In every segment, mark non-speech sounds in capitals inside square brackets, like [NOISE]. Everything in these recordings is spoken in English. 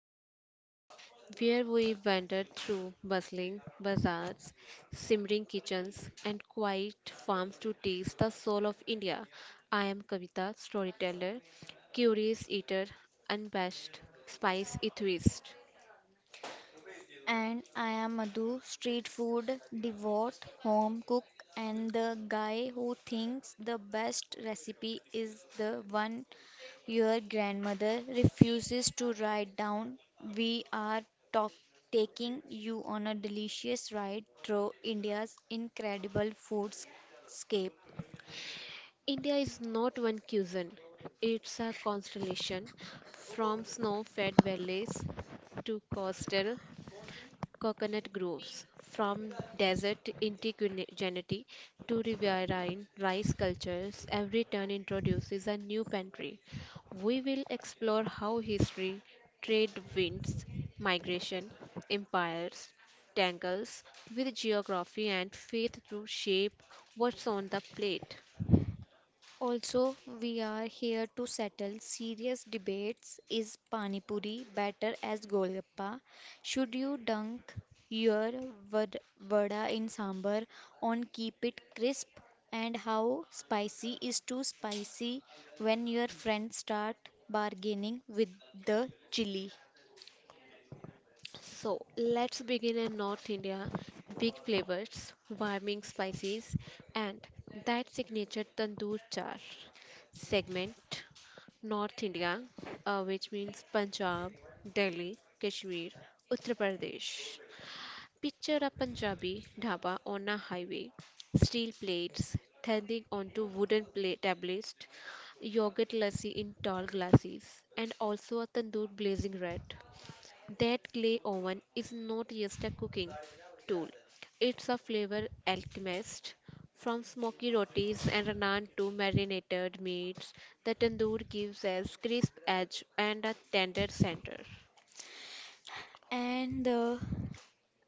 on a Plate, where we wander through bustling bazaars, simmering kitchens, and quiet farms to taste the soul of India. I am Kavita, storyteller, curious eater, unabashed spice enthusiast. And I am Madhu, street food devout, home cook, and the guy who thinks the best recipe is the one your grandmother refuses to write down. We are talk- taking you on a delicious ride through India's incredible foodscape. India is not one cuisine, it's a constellation from snow fed valleys to coastal coconut groves, from desert indigeneity to riverine rice cultures, every turn introduces a new pantry. We will explore how history, trade winds, migration, empires, tangles with geography and faith to shape what's on the plate. Also, we are here to settle serious debates. Is Pani Puri better as Golgappa? Should you dunk your vada in sambar on keep it crisp? And how spicy is too spicy when your friends start bargaining with the chili? So let's begin in North India. Big flavors, warming spices, and that signature tandoor char segment. North India, which means Punjab, Delhi, Kashmir, Uttar Pradesh. Picture a Punjabi dhaba on a highway, steel plates standing onto tablets, yogurt lassi in tall glasses, and also a tandoor blazing red. That clay oven is not just a cooking tool, it's a flavor alchemist. From smoky rotis and naan to marinated meats, the tandoor gives us crisp edge and a tender center. And the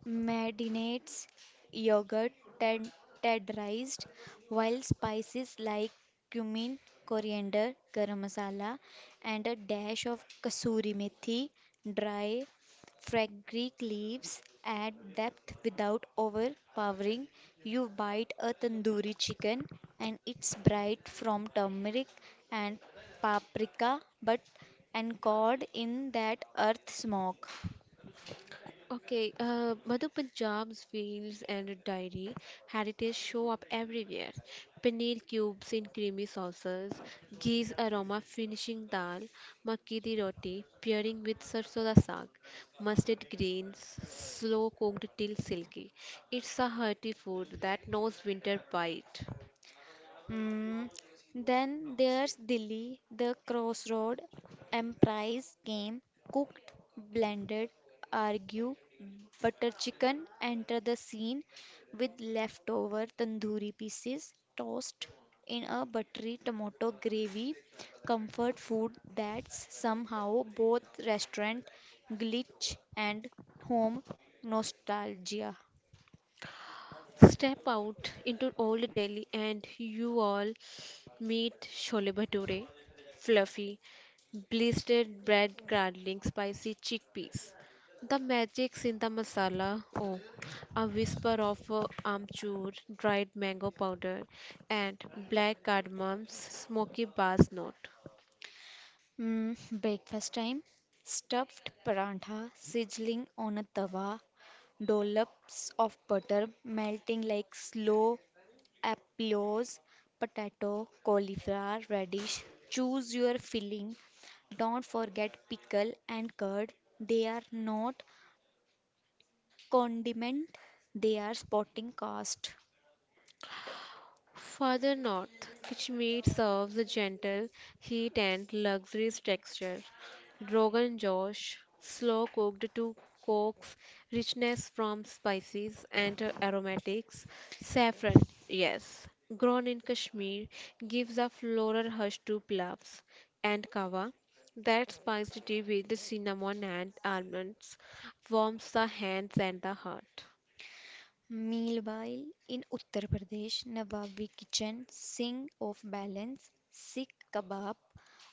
marinades, yogurt, tan- tandorized, while spices like cumin, coriander, garam masala, and a dash of kasuri methi, dry fenugreek leaves add depth without overpowering. You bite a tandoori chicken, and it's bright from turmeric and paprika, but anchored in that earth smoke. Okay, Madhu Punjab's fields and dairy heritage show up everywhere. Paneer cubes in creamy sauces, ghee's aroma finishing dal, makki di roti pairing with sarson da saag, mustard greens slow cooked till silky. It's a hearty food that knows winter bite. Mm, then there's Dilli, the crossroad, emprise came, cooked, blended, argue, butter chicken, enter the scene with leftover tandoori pieces, tossed in a buttery tomato gravy, comfort food that's somehow both restaurant glitch and home nostalgia. Step out into old Delhi and you all meet Chole Bhature, fluffy, blistered bread curdling spicy chickpeas. The magic's in the masala, oh, a whisper of amchur, dried mango powder, and black cardamom's smoky bass note. Mm, breakfast time. Stuffed parantha sizzling on a tawa, dollops of butter melting like slow applause, potato, cauliflower, radish. Choose your filling. Don't forget pickle and curd. They are not condiment, they are sporting cast. Further north, Kashmir serves a gentle heat and luxurious texture. Rogan Josh, slow cooked to coax richness from spices and aromatics. Saffron, yes, grown in Kashmir, gives a floral hush to plavs. And kava, that spiced tea with the cinnamon and almonds, warms the hands and the heart. Meanwhile, in Uttar Pradesh, Nawabi kitchen sing of balance, Sikh kebab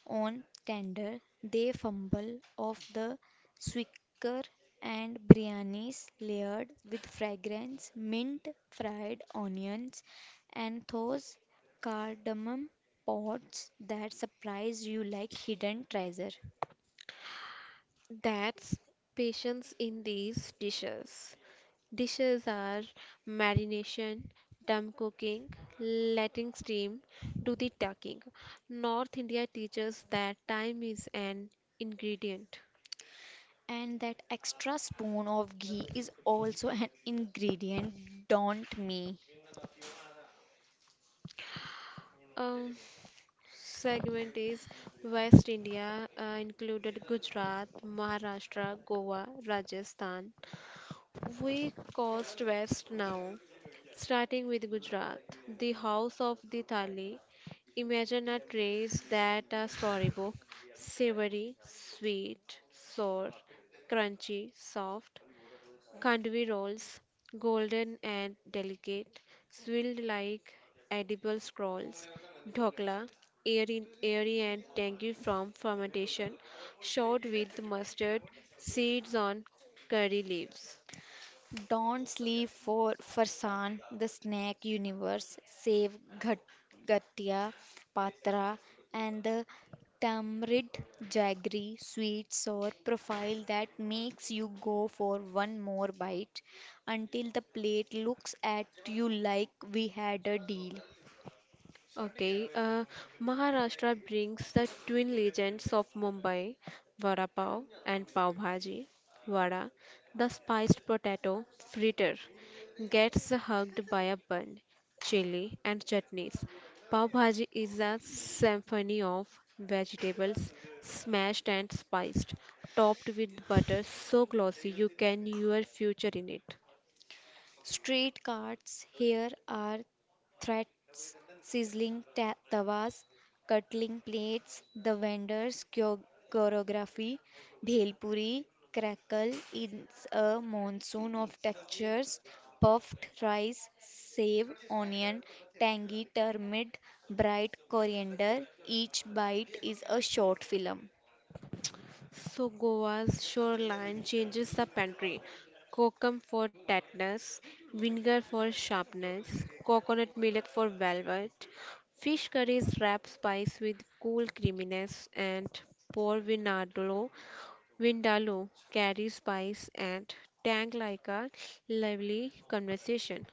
on tender, they fumble of the swicker and biryanis layered with fragrance, mint, fried onions, and those cardamom pods that surprise you like hidden treasure. That's patience in these dishes. Dishes are marination, dumb cooking, letting steam do the talking. North India teaches that time is an ingredient. And that extra spoon of ghee is also an ingredient, don't me. Um, Segment is West India, included Gujarat, Maharashtra, Goa, Rajasthan. We coast west now, starting with Gujarat, the house of the Thali. Imagine a trace that a storybook, savory, sweet, sour, crunchy, soft, kandvi rolls, golden and delicate, swilled like edible scrolls, dhokla, airy and tangy from fermentation, shot with mustard seeds on curry leaves. Don't sleep for Farsan, the snack universe, save Ghatia Patra and the tamarind jaggery sweet sour profile that makes you go for one more bite until the plate looks at you like we had a deal. Okay, uh, Maharashtra brings the twin legends of Mumbai, Vada Pav and Pav Bhaji. Vada, the spiced potato fritter, gets hugged by a bun, chili, and chutneys. Pav Bhaji is a symphony of vegetables smashed and spiced, topped with butter so glossy you can your future in it. Street carts here are threats, sizzling tawas, cutling plates, the vendors' choreography, bhelpuri crackle is a monsoon of textures, puffed rice, save, onion, tangy turmeric, bright coriander, each bite is a short film. So Goa's shoreline changes the pantry. Kokum for tartness, vinegar for sharpness, coconut milk for velvet. Fish curries wrap spice with cool creaminess and pour vinadlo. Vindaloo carries spice and tang like a lively conversation.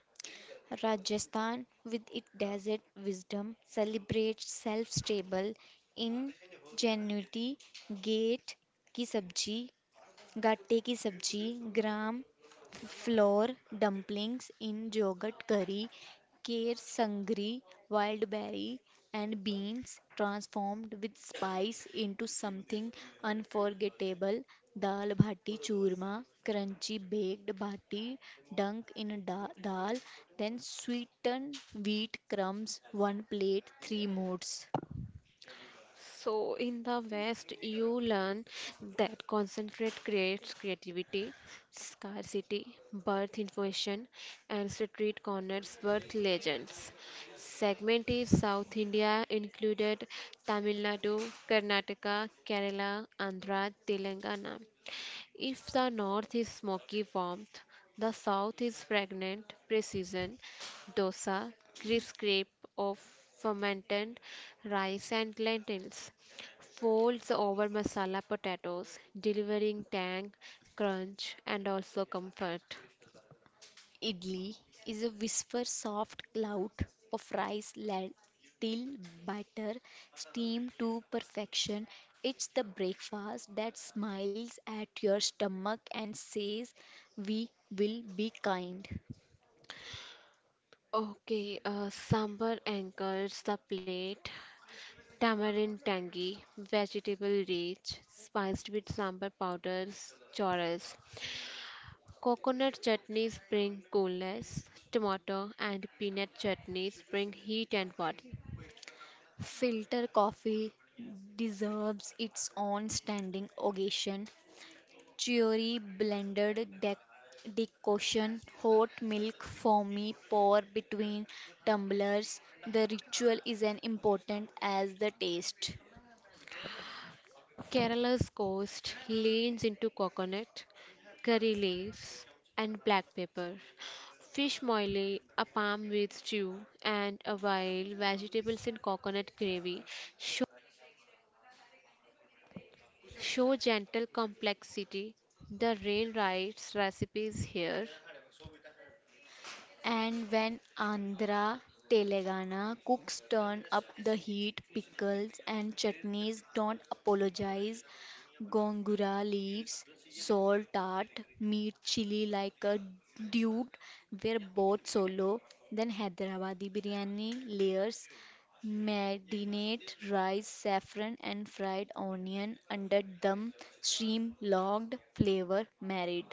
Rajasthan, with its desert wisdom, celebrates self-stable ingenuity. Gatte की सब्जी गाट्टे की sabzi gram flour dumplings in yogurt curry, kher sangri, wild berry and beans transformed with spice into something unforgettable. Dal bhati churma, crunchy baked bhati dunk in a dal, then sweetened wheat crumbs, one plate three modes. So, in the West, you learn that concentrate creates creativity, scarcity, birth information, and street corners birth legends. Segmented South India included Tamil Nadu, Karnataka, Kerala, Andhra, Telangana. If the North is smoky warmth, the South is fragrant precision, dosa, crisp crepe of fermented rice and lentils folds over masala potatoes, delivering tang, crunch, and also comfort. Idli is a whisper soft cloud of rice let till batter steam to perfection. It's the breakfast that smiles at your stomach and says we will be kind. Okay, Sambar anchors the plate. Tamarind tangy, vegetable rich, spiced with sambar powders, chorus. Coconut chutneys bring coolness, tomato and peanut chutneys bring heat and warmth. Filter coffee deserves its own standing ovation. Jury blended decoction, hot milk foamy pour between tumblers. The ritual is as important as the taste. Kerala's coast leans into coconut, curry leaves, and black pepper. Fish moile, a palm with stew, and a wild vegetables in coconut gravy show gentle complexity. The rain writes recipes here. And when Andhra Telangana cooks turn up the heat, pickles and chutneys don't apologize. Gongura leaves, salt tart, meat chili like a dude. We're both solo. Then Hyderabadi biryani layers, marinate rice, saffron and fried onion under dum, stream logged flavor married.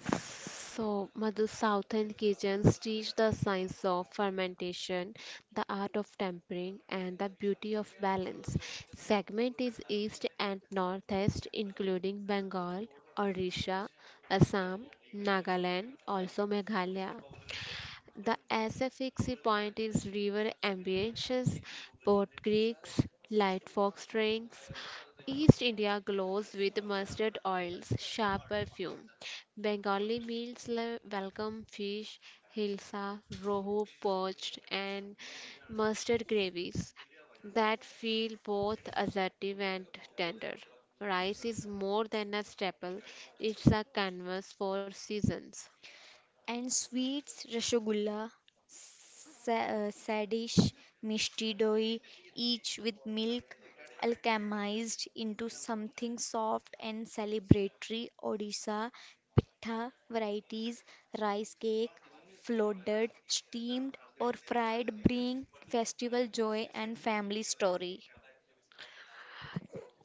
So, Madhu, Southern kitchens teach the science of fermentation, the art of tempering, and the beauty of balance. Segment is east and northeast, including Bengal, Odisha, Assam, Nagaland, also Meghalaya. The SFX point is river ambience, Port Creeks, light fox drinks. East India glows with mustard oils, sharp perfume. Bengali meals welcome fish, hilsa, rohu poached, and mustard gravies that feel both assertive and tender. Rice is more than a staple, it's a canvas for seasons. And sweets rasgulla, sadish, mishti doi, each with milk alchemized into something soft and celebratory. Odisha pitha varieties, rice cake, flooded, steamed or fried bring festival joy and family story.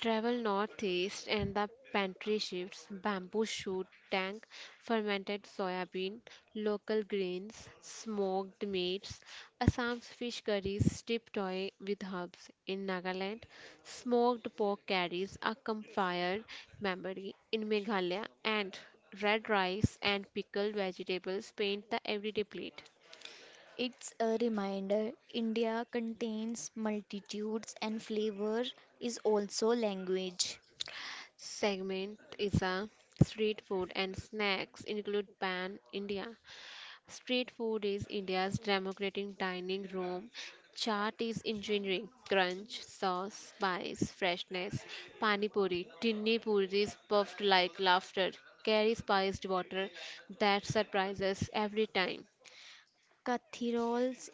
Travel northeast and the pantry shifts, bamboo shoot tank, fermented soybean, local grains, smoked meats, Assam's fish curries steeped toy with herbs. In Nagaland, smoked pork carries a campfire memory. In Meghalaya, and red rice and pickled vegetables paint the everyday plate. It's a reminder India contains multitudes and flavor is also language. Segment is a street food and snacks include pan india. Street food is India's democratic dining room. Chaat is engineering, crunch, sauce, spice, freshness. Pani puri, tinni puri is puffed like laughter. Carry spiced water that surprises every time. Kathi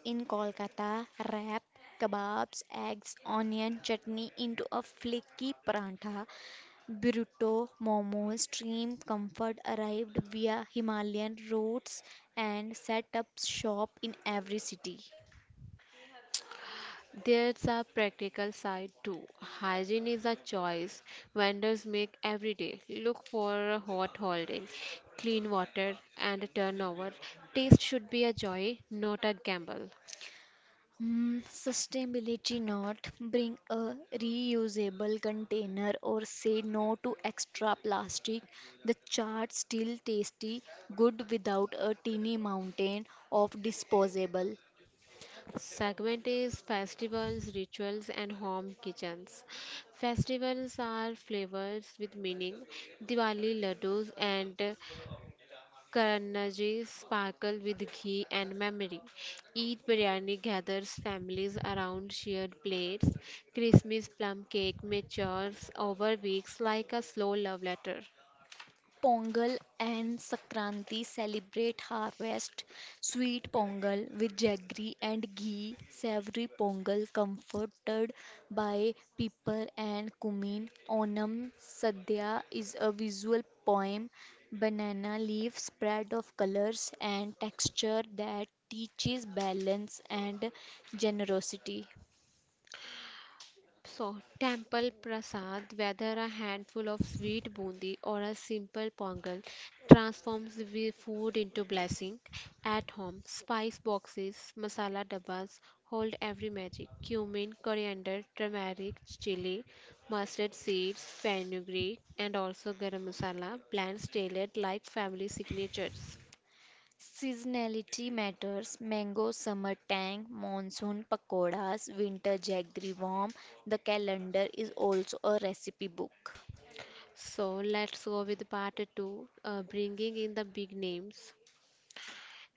in Kolkata wrap kebabs, eggs, onion chutney into a flaky paratha. Burrito, momos, stream comfort arrived via Himalayan routes and set up shop in every city. There's a practical side too. Hygiene is a choice vendors make every day. Look for a hot holding, clean water, and a turnover. Taste should be a joy, not a gamble. Mm, sustainability not bring a reusable container or say no to extra plastic. The chart still tasty good without a teeny mountain of disposable. Segment is festivals, rituals, and home kitchens. Festivals are flavors with meaning. Diwali laddus and Karnaji sparkle with ghee and memory. Eid biryani gathers families around shared plates. Christmas plum cake matures over weeks like a slow love letter. Pongal and Sakranti celebrate harvest. Sweet Pongal with jaggery and ghee. Savory Pongal comforted by pepper and cumin. Onam Sadhya is a visual poem. Banana leaf spread of colors and texture that teaches balance and generosity. So, temple prasad, whether a handful of sweet bundi or a simple pongal, transforms the food into blessing. At home, spice boxes, masala dabbas hold every magic. Cumin, coriander, turmeric, chili, mustard seeds, fenugreek, and also garam masala blends tailored like family signatures. Seasonality matters. Mango summer tang, monsoon pakoras, winter jaggery warm. The calendar is also a recipe book. So let's go with part two, bringing in the big names.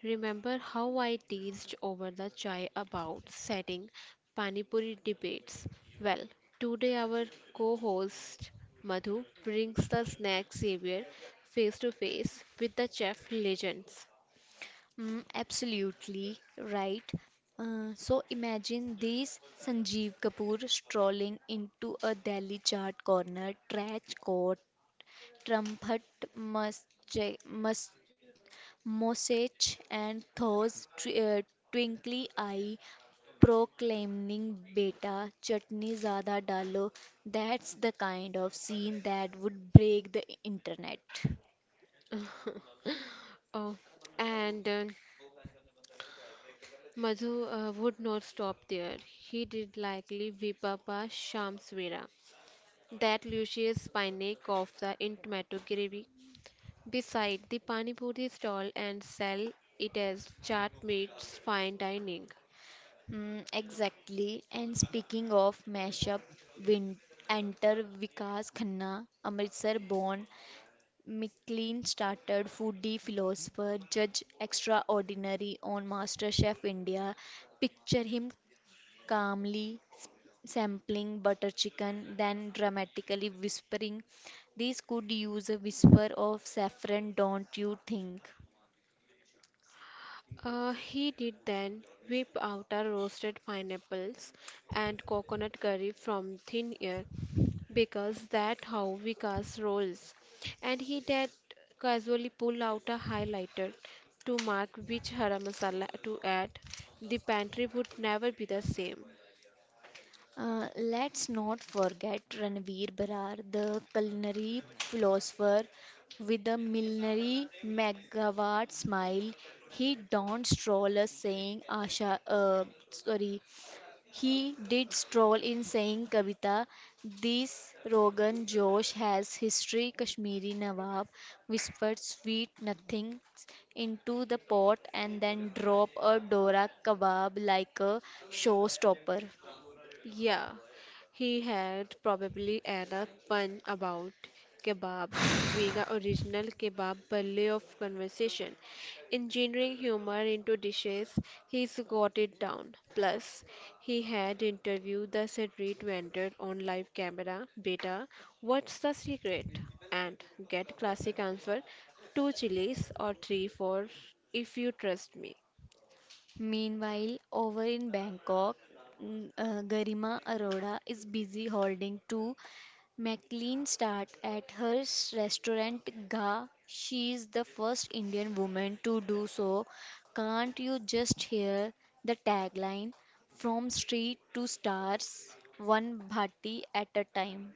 Remember how I teased over the chai about setting panipuri debates? Well, today our co-host Madhu brings the snack savior face to face with the chef legends. Mm, absolutely right. So imagine this Sanjeev Kapoor strolling into a Delhi chart corner, trench coat, trumpet mustache, mustache, and those twinkly eye proclaiming beta chutney zyada डालो, that's the kind of scene that would break the internet. Oh, and Madhu would not stop there. He did likely Vipapa Shamsvera, that Lucius Pinnack of the in tomato gravy beside the Pani Puri stall and sell it as Chaat meets fine dining. Hmm, exactly, and speaking of mashup win- enter Vikas Khanna, Amritsar born, McLean started foodie philosopher, judge extraordinary on MasterChef India. Picture him calmly sampling butter chicken, then dramatically whispering, "This could use a whisper of saffron, don't you think?" He did then whip out a roasted pineapples and coconut curry from thin air because that how Vikas rolls. And he did casually pull out a highlighter to mark which hara masala to add. The pantry would never be the same. Let's not forget Ranveer Brar, the culinary philosopher with a millinery megawatt smile. He don't stroll us saying Asha, he did stroll in saying Kavita, this Rogan Josh has history. Kashmiri Nawab whispered sweet nothings into the pot and then dropped a Dora kebab like a showstopper. Yeah, he had probably an a pun about kebabs being a original kebab ballet of conversation. Engineering humor into dishes, he's got it down. Plus, he had interviewed the street vendor on live camera, beta, what's the secret? And get classic answer, two chilies or three for if you trust me. Meanwhile, over in Bangkok, Garima Arora is busy holding two McLean start at her restaurant Ga. She is the first Indian woman to do so. Can't you just hear the tagline? From street to stars, one bhati at a time.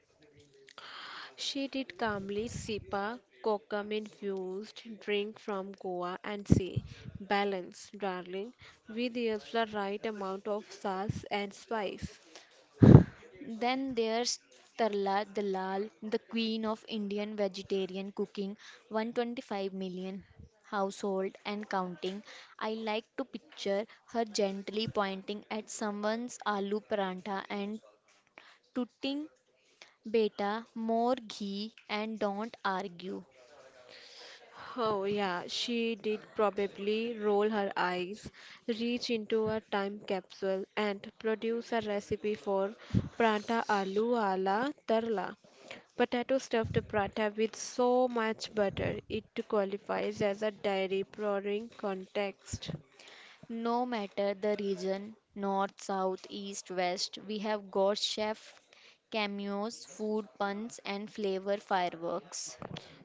She did calmly sip a coca-infused drink from Goa and say, Balance, darling, with just the right amount of sauce and spice. Then there's Tarla Dalal, the queen of Indian vegetarian cooking, 125 million household and counting. I like to picture her gently pointing at someone's aloo parantha and tooting, beta, more ghee and don't argue. Oh, yeah, she did probably roll her eyes, reach into a time capsule, and produce a recipe for prata aloo ala tarla. Potato stuffed prata with so much butter it qualifies as a dairy pouring context. No matter the region, north, south, east, west, we have got chef cameos, food puns and flavor fireworks.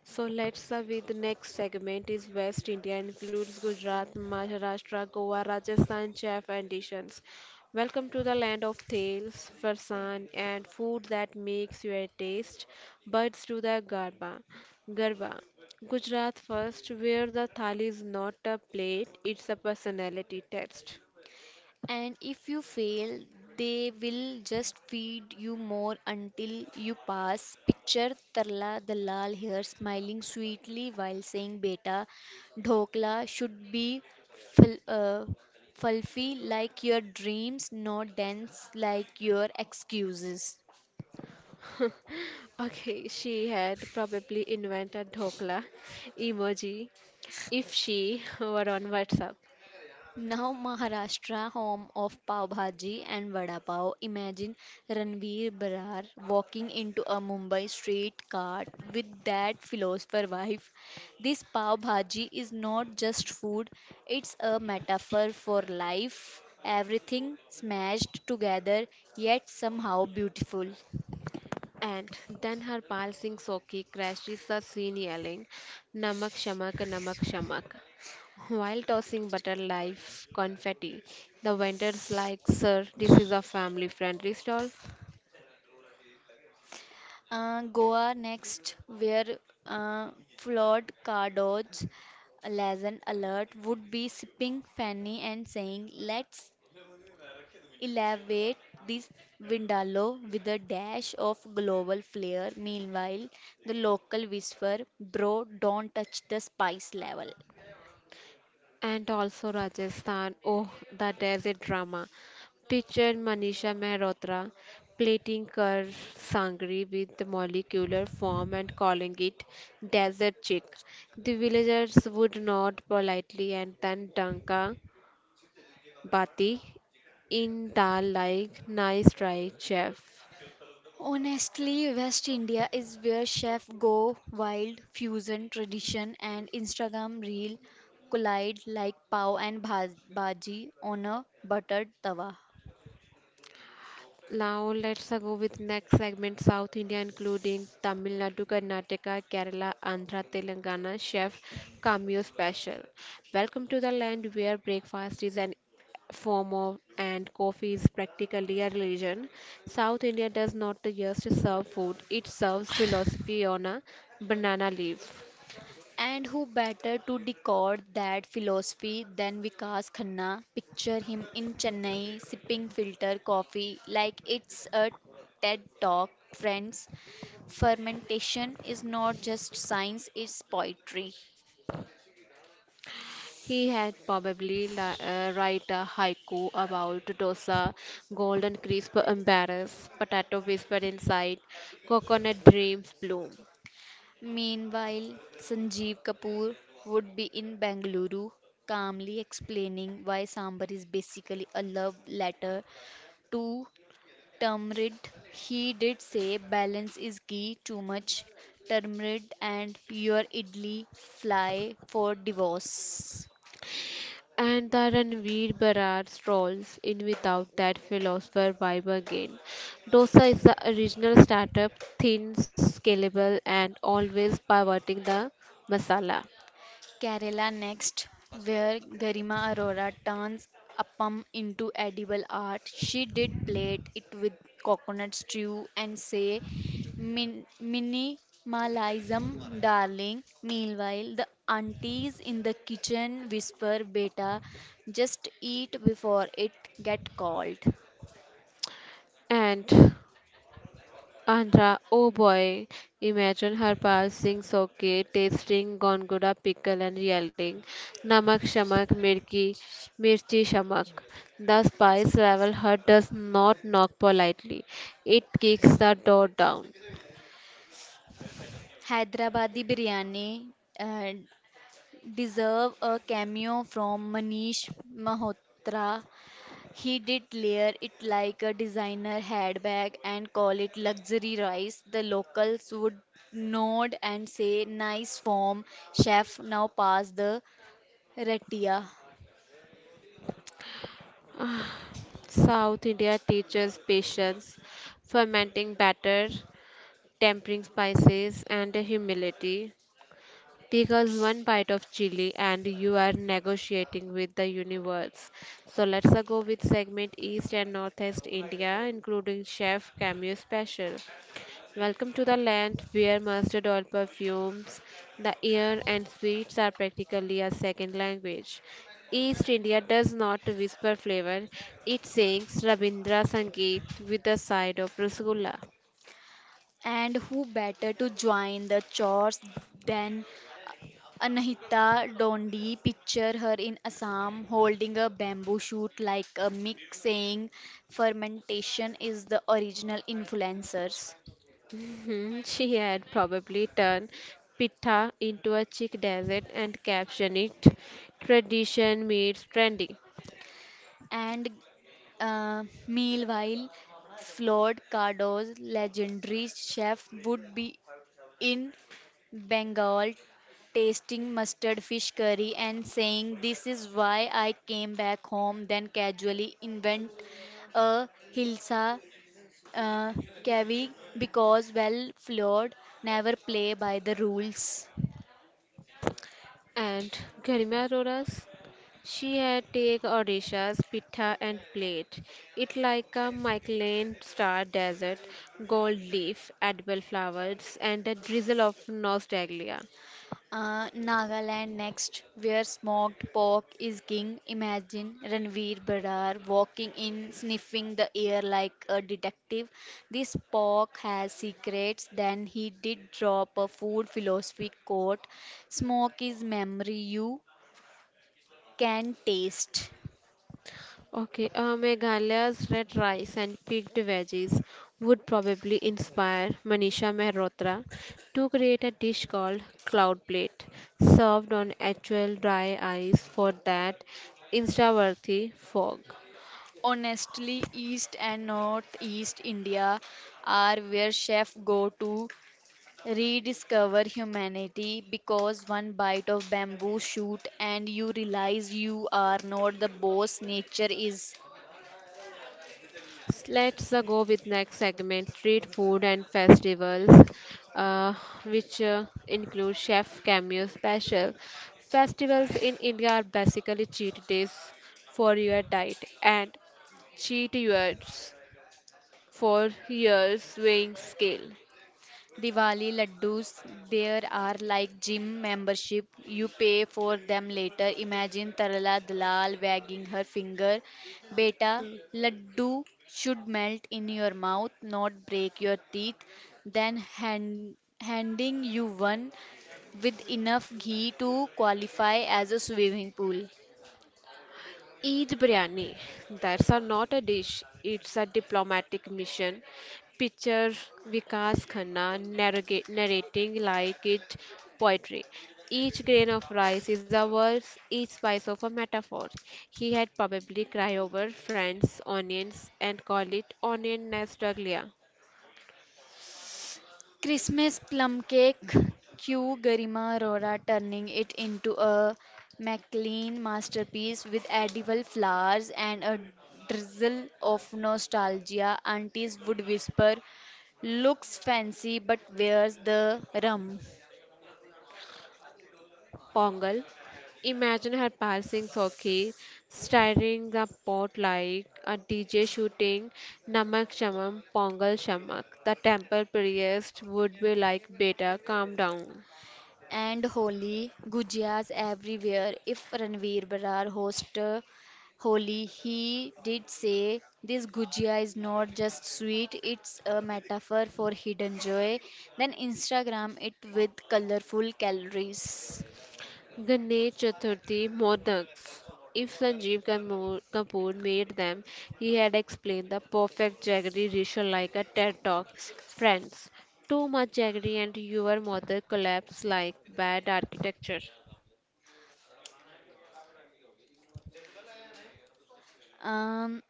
So let's with the next segment is West India includes Gujarat, Maharashtra, Goa, Rajasthan, chef and dishes. Welcome to the land of tales, farsan and food that makes your taste buds to the garba. Garba. Gujarat first, where the thali is not a plate, it's a personality test. And if you fail, they will just feed you more until you pass. Picture Tarla Dalal here smiling sweetly while saying, "Beta, dhokla should be ful- uh, fluffy like your dreams, not dense like your excuses." Okay, she had probably invented dhokla emoji if she [LAUGHS] were on WhatsApp. Now Maharashtra, home of Pav Bhaji and Vada Pav. Imagine Ranveer Brar walking into a Mumbai street cart with that philosopher wife. "This Pav Bhaji is not just food, it's a metaphor for life. Everything smashed together, yet somehow beautiful." And then her Harpal Singh Soki crashes the scene yelling, Namak Shamak, Namak Shamak. While tossing butter life confetti, the vendors like, Sir, this is a family friendly stall. Goa next, where uh, flawed cardoads lesson alert would be sipping Fanny and saying, "Let's elevate this Vindaloo with a dash of global flair." Meanwhile, the local whisper, "Bro, don't touch the spice level." And also Rajasthan, oh, the desert drama. Picture Manisha Mehrotra plating her sangri with the molecular form and calling it desert chick. The villagers would nod politely and then Danka Bati in dal like nice try chef. Honestly, West India is where chefs go wild, fusion, tradition, and Instagram reel collide like pav and bhaji on a buttered tawa. Now let's go with next segment South India including Tamil Nadu, Karnataka, Kerala, Andhra, Telangana chef cameo special. Welcome to the land where breakfast is an form of and coffee is practically a religion. South India does not just serve food, it serves philosophy on a banana leaf. And who better to decode that philosophy than Vikas Khanna? Picture him in Chennai sipping filter coffee like it's a TED Talk, friends. Fermentation is not just science, it's poetry. He had probably write a haiku about dosa, golden crisp embarrass, potato whisper inside, coconut dreams bloom. Meanwhile, Sanjeev Kapoor would be in Bengaluru, calmly explaining why Sambar is basically a love letter to Tamrid. He did say balance is key, too much tamarind and your idli fly for divorce. And the Ranveer Barad strolls in without that philosopher vibe again. Dosa is the original startup, thin, scalable, and always pivoting the masala. Kerala next, where Garima Arora turns appam into edible art. She did plate it with coconut stew and say, Minimalism, darling." Meanwhile, the aunties in the kitchen whisper, "Beta, just eat before it get cold." And Andra, oh boy, imagine her passing soke, tasting gongoda pickle and yelling, Namak shamak mirki, mirchi shamak. The spice level her does not knock politely. It kicks the door down. Hyderabadi biryani uh, deserve a cameo from Manish Malhotra. He did layer it like a designer handbag and call it luxury rice. The locals would nod and say, "Nice form, chef. Now pass the ratia." South India teaches patience, fermenting batter, tempering spices, and humility, because one bite of chili and you are negotiating with the universe. So let's go with segment East and Northeast India, including Chef Cameo Special. Welcome to the land where mustard oil perfumes, the air and sweets are practically a second language. East India does not whisper flavor, it sings Rabindra Sangeet with a side of Rasgulla. And who better to join the chores than Anahita Dondi? Picture her in Assam holding a bamboo shoot like a mic, saying, "Fermentation is the original influencers." Mhm. She had probably turned pita into a chic dessert and captioned it Tradition Meets Trendy. And meanwhile, Flawed Cardo's legendary chef would be in Bengal tasting mustard fish curry and saying, "This is why I came back home," then casually invent a Hilsa uh, kavi, because, well, Flawed never play by the rules. And Garima Arora's, she had take Odisha's pita and plate it like a Michelin star dessert, gold leaf, edible flowers, and a drizzle of nostalgia. Nagaland next, where smoked pork is king. Imagine Ranveer Barar walking in, sniffing the air like a detective. "This pork has secrets." Then he did drop a food philosophy quote, "Smoke is memory you can taste." Okay, Meghalaya's red rice and picked veggies would probably inspire Manisha Mehrotra to create a dish called cloud plate, served on actual dry ice for that insta-worthy fog. Honestly, East and Northeast India are where chefs go to rediscover humanity, because one bite of bamboo shoot and you realize you are not the boss, nature is. Let's go with next segment, street food and festivals, uh, which include chef cameo special. Festivals in India are basically cheat days for your diet and cheat years for your weighing scale. Diwali laddus there are like gym membership you pay for them later. Imagine Tarala Dalal wagging her finger, "Beta, laddu should melt in your mouth not break your teeth," then handing you one with enough ghee to qualify as a swimming pool. Eid biryani. That's a, not a dish, it's a diplomatic mission. Picture Vikas Khanna narrating like it poetry. Each grain of rice is a verse, each slice of a metaphor. He had probably cry over friends, onions, and call it onion nastaglia. Christmas plum cake, Q Garima Rora turning it into a McLean masterpiece with edible flowers and a drizzle of nostalgia. Aunties would whisper, "Looks fancy but where's the rum?" Pongal. Imagine her passing Soki, stirring the pot like a DJ shooting Namak Shamak, Pongal Shamak. The temple priest would be like, Beta, calm down. And Holi, Gujias everywhere. If Ranveer Brar host Holi, he did say this Gujia is not just sweet, it's a metaphor for hidden joy. Then Instagram it with colorful calories. Ganesh Chaturthi Modaks. If Kapoor made them, he had explained the perfect jaggery ritual like a TED talk. Friends, too much jaggery and your mother collapse like bad architecture. Um,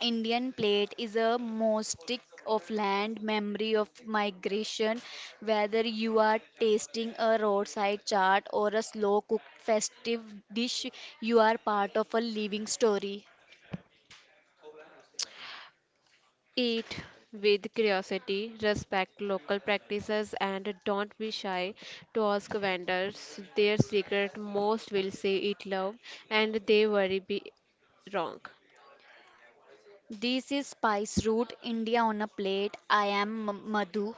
Indian plate is a mosaic of land, memory of migration, whether you are tasting a roadside chaat or a slow cooked festive dish, you are part of a living story. Eat with curiosity, respect local practices, and don't be shy to ask vendors their secret. Most will say it love and they worry be wrong. This is Spice Root India on a plate. I am Madhu.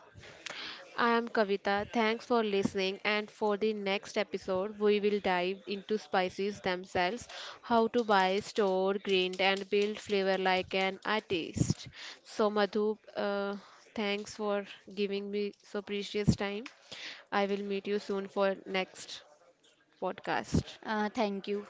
I am Kavita. Thanks for listening. And for the next episode, we will dive into spices themselves, how to buy, store, grind, and build flavor like an artist. So, Madhu, thanks for giving me so precious time. I will meet you soon for next podcast. Thank you.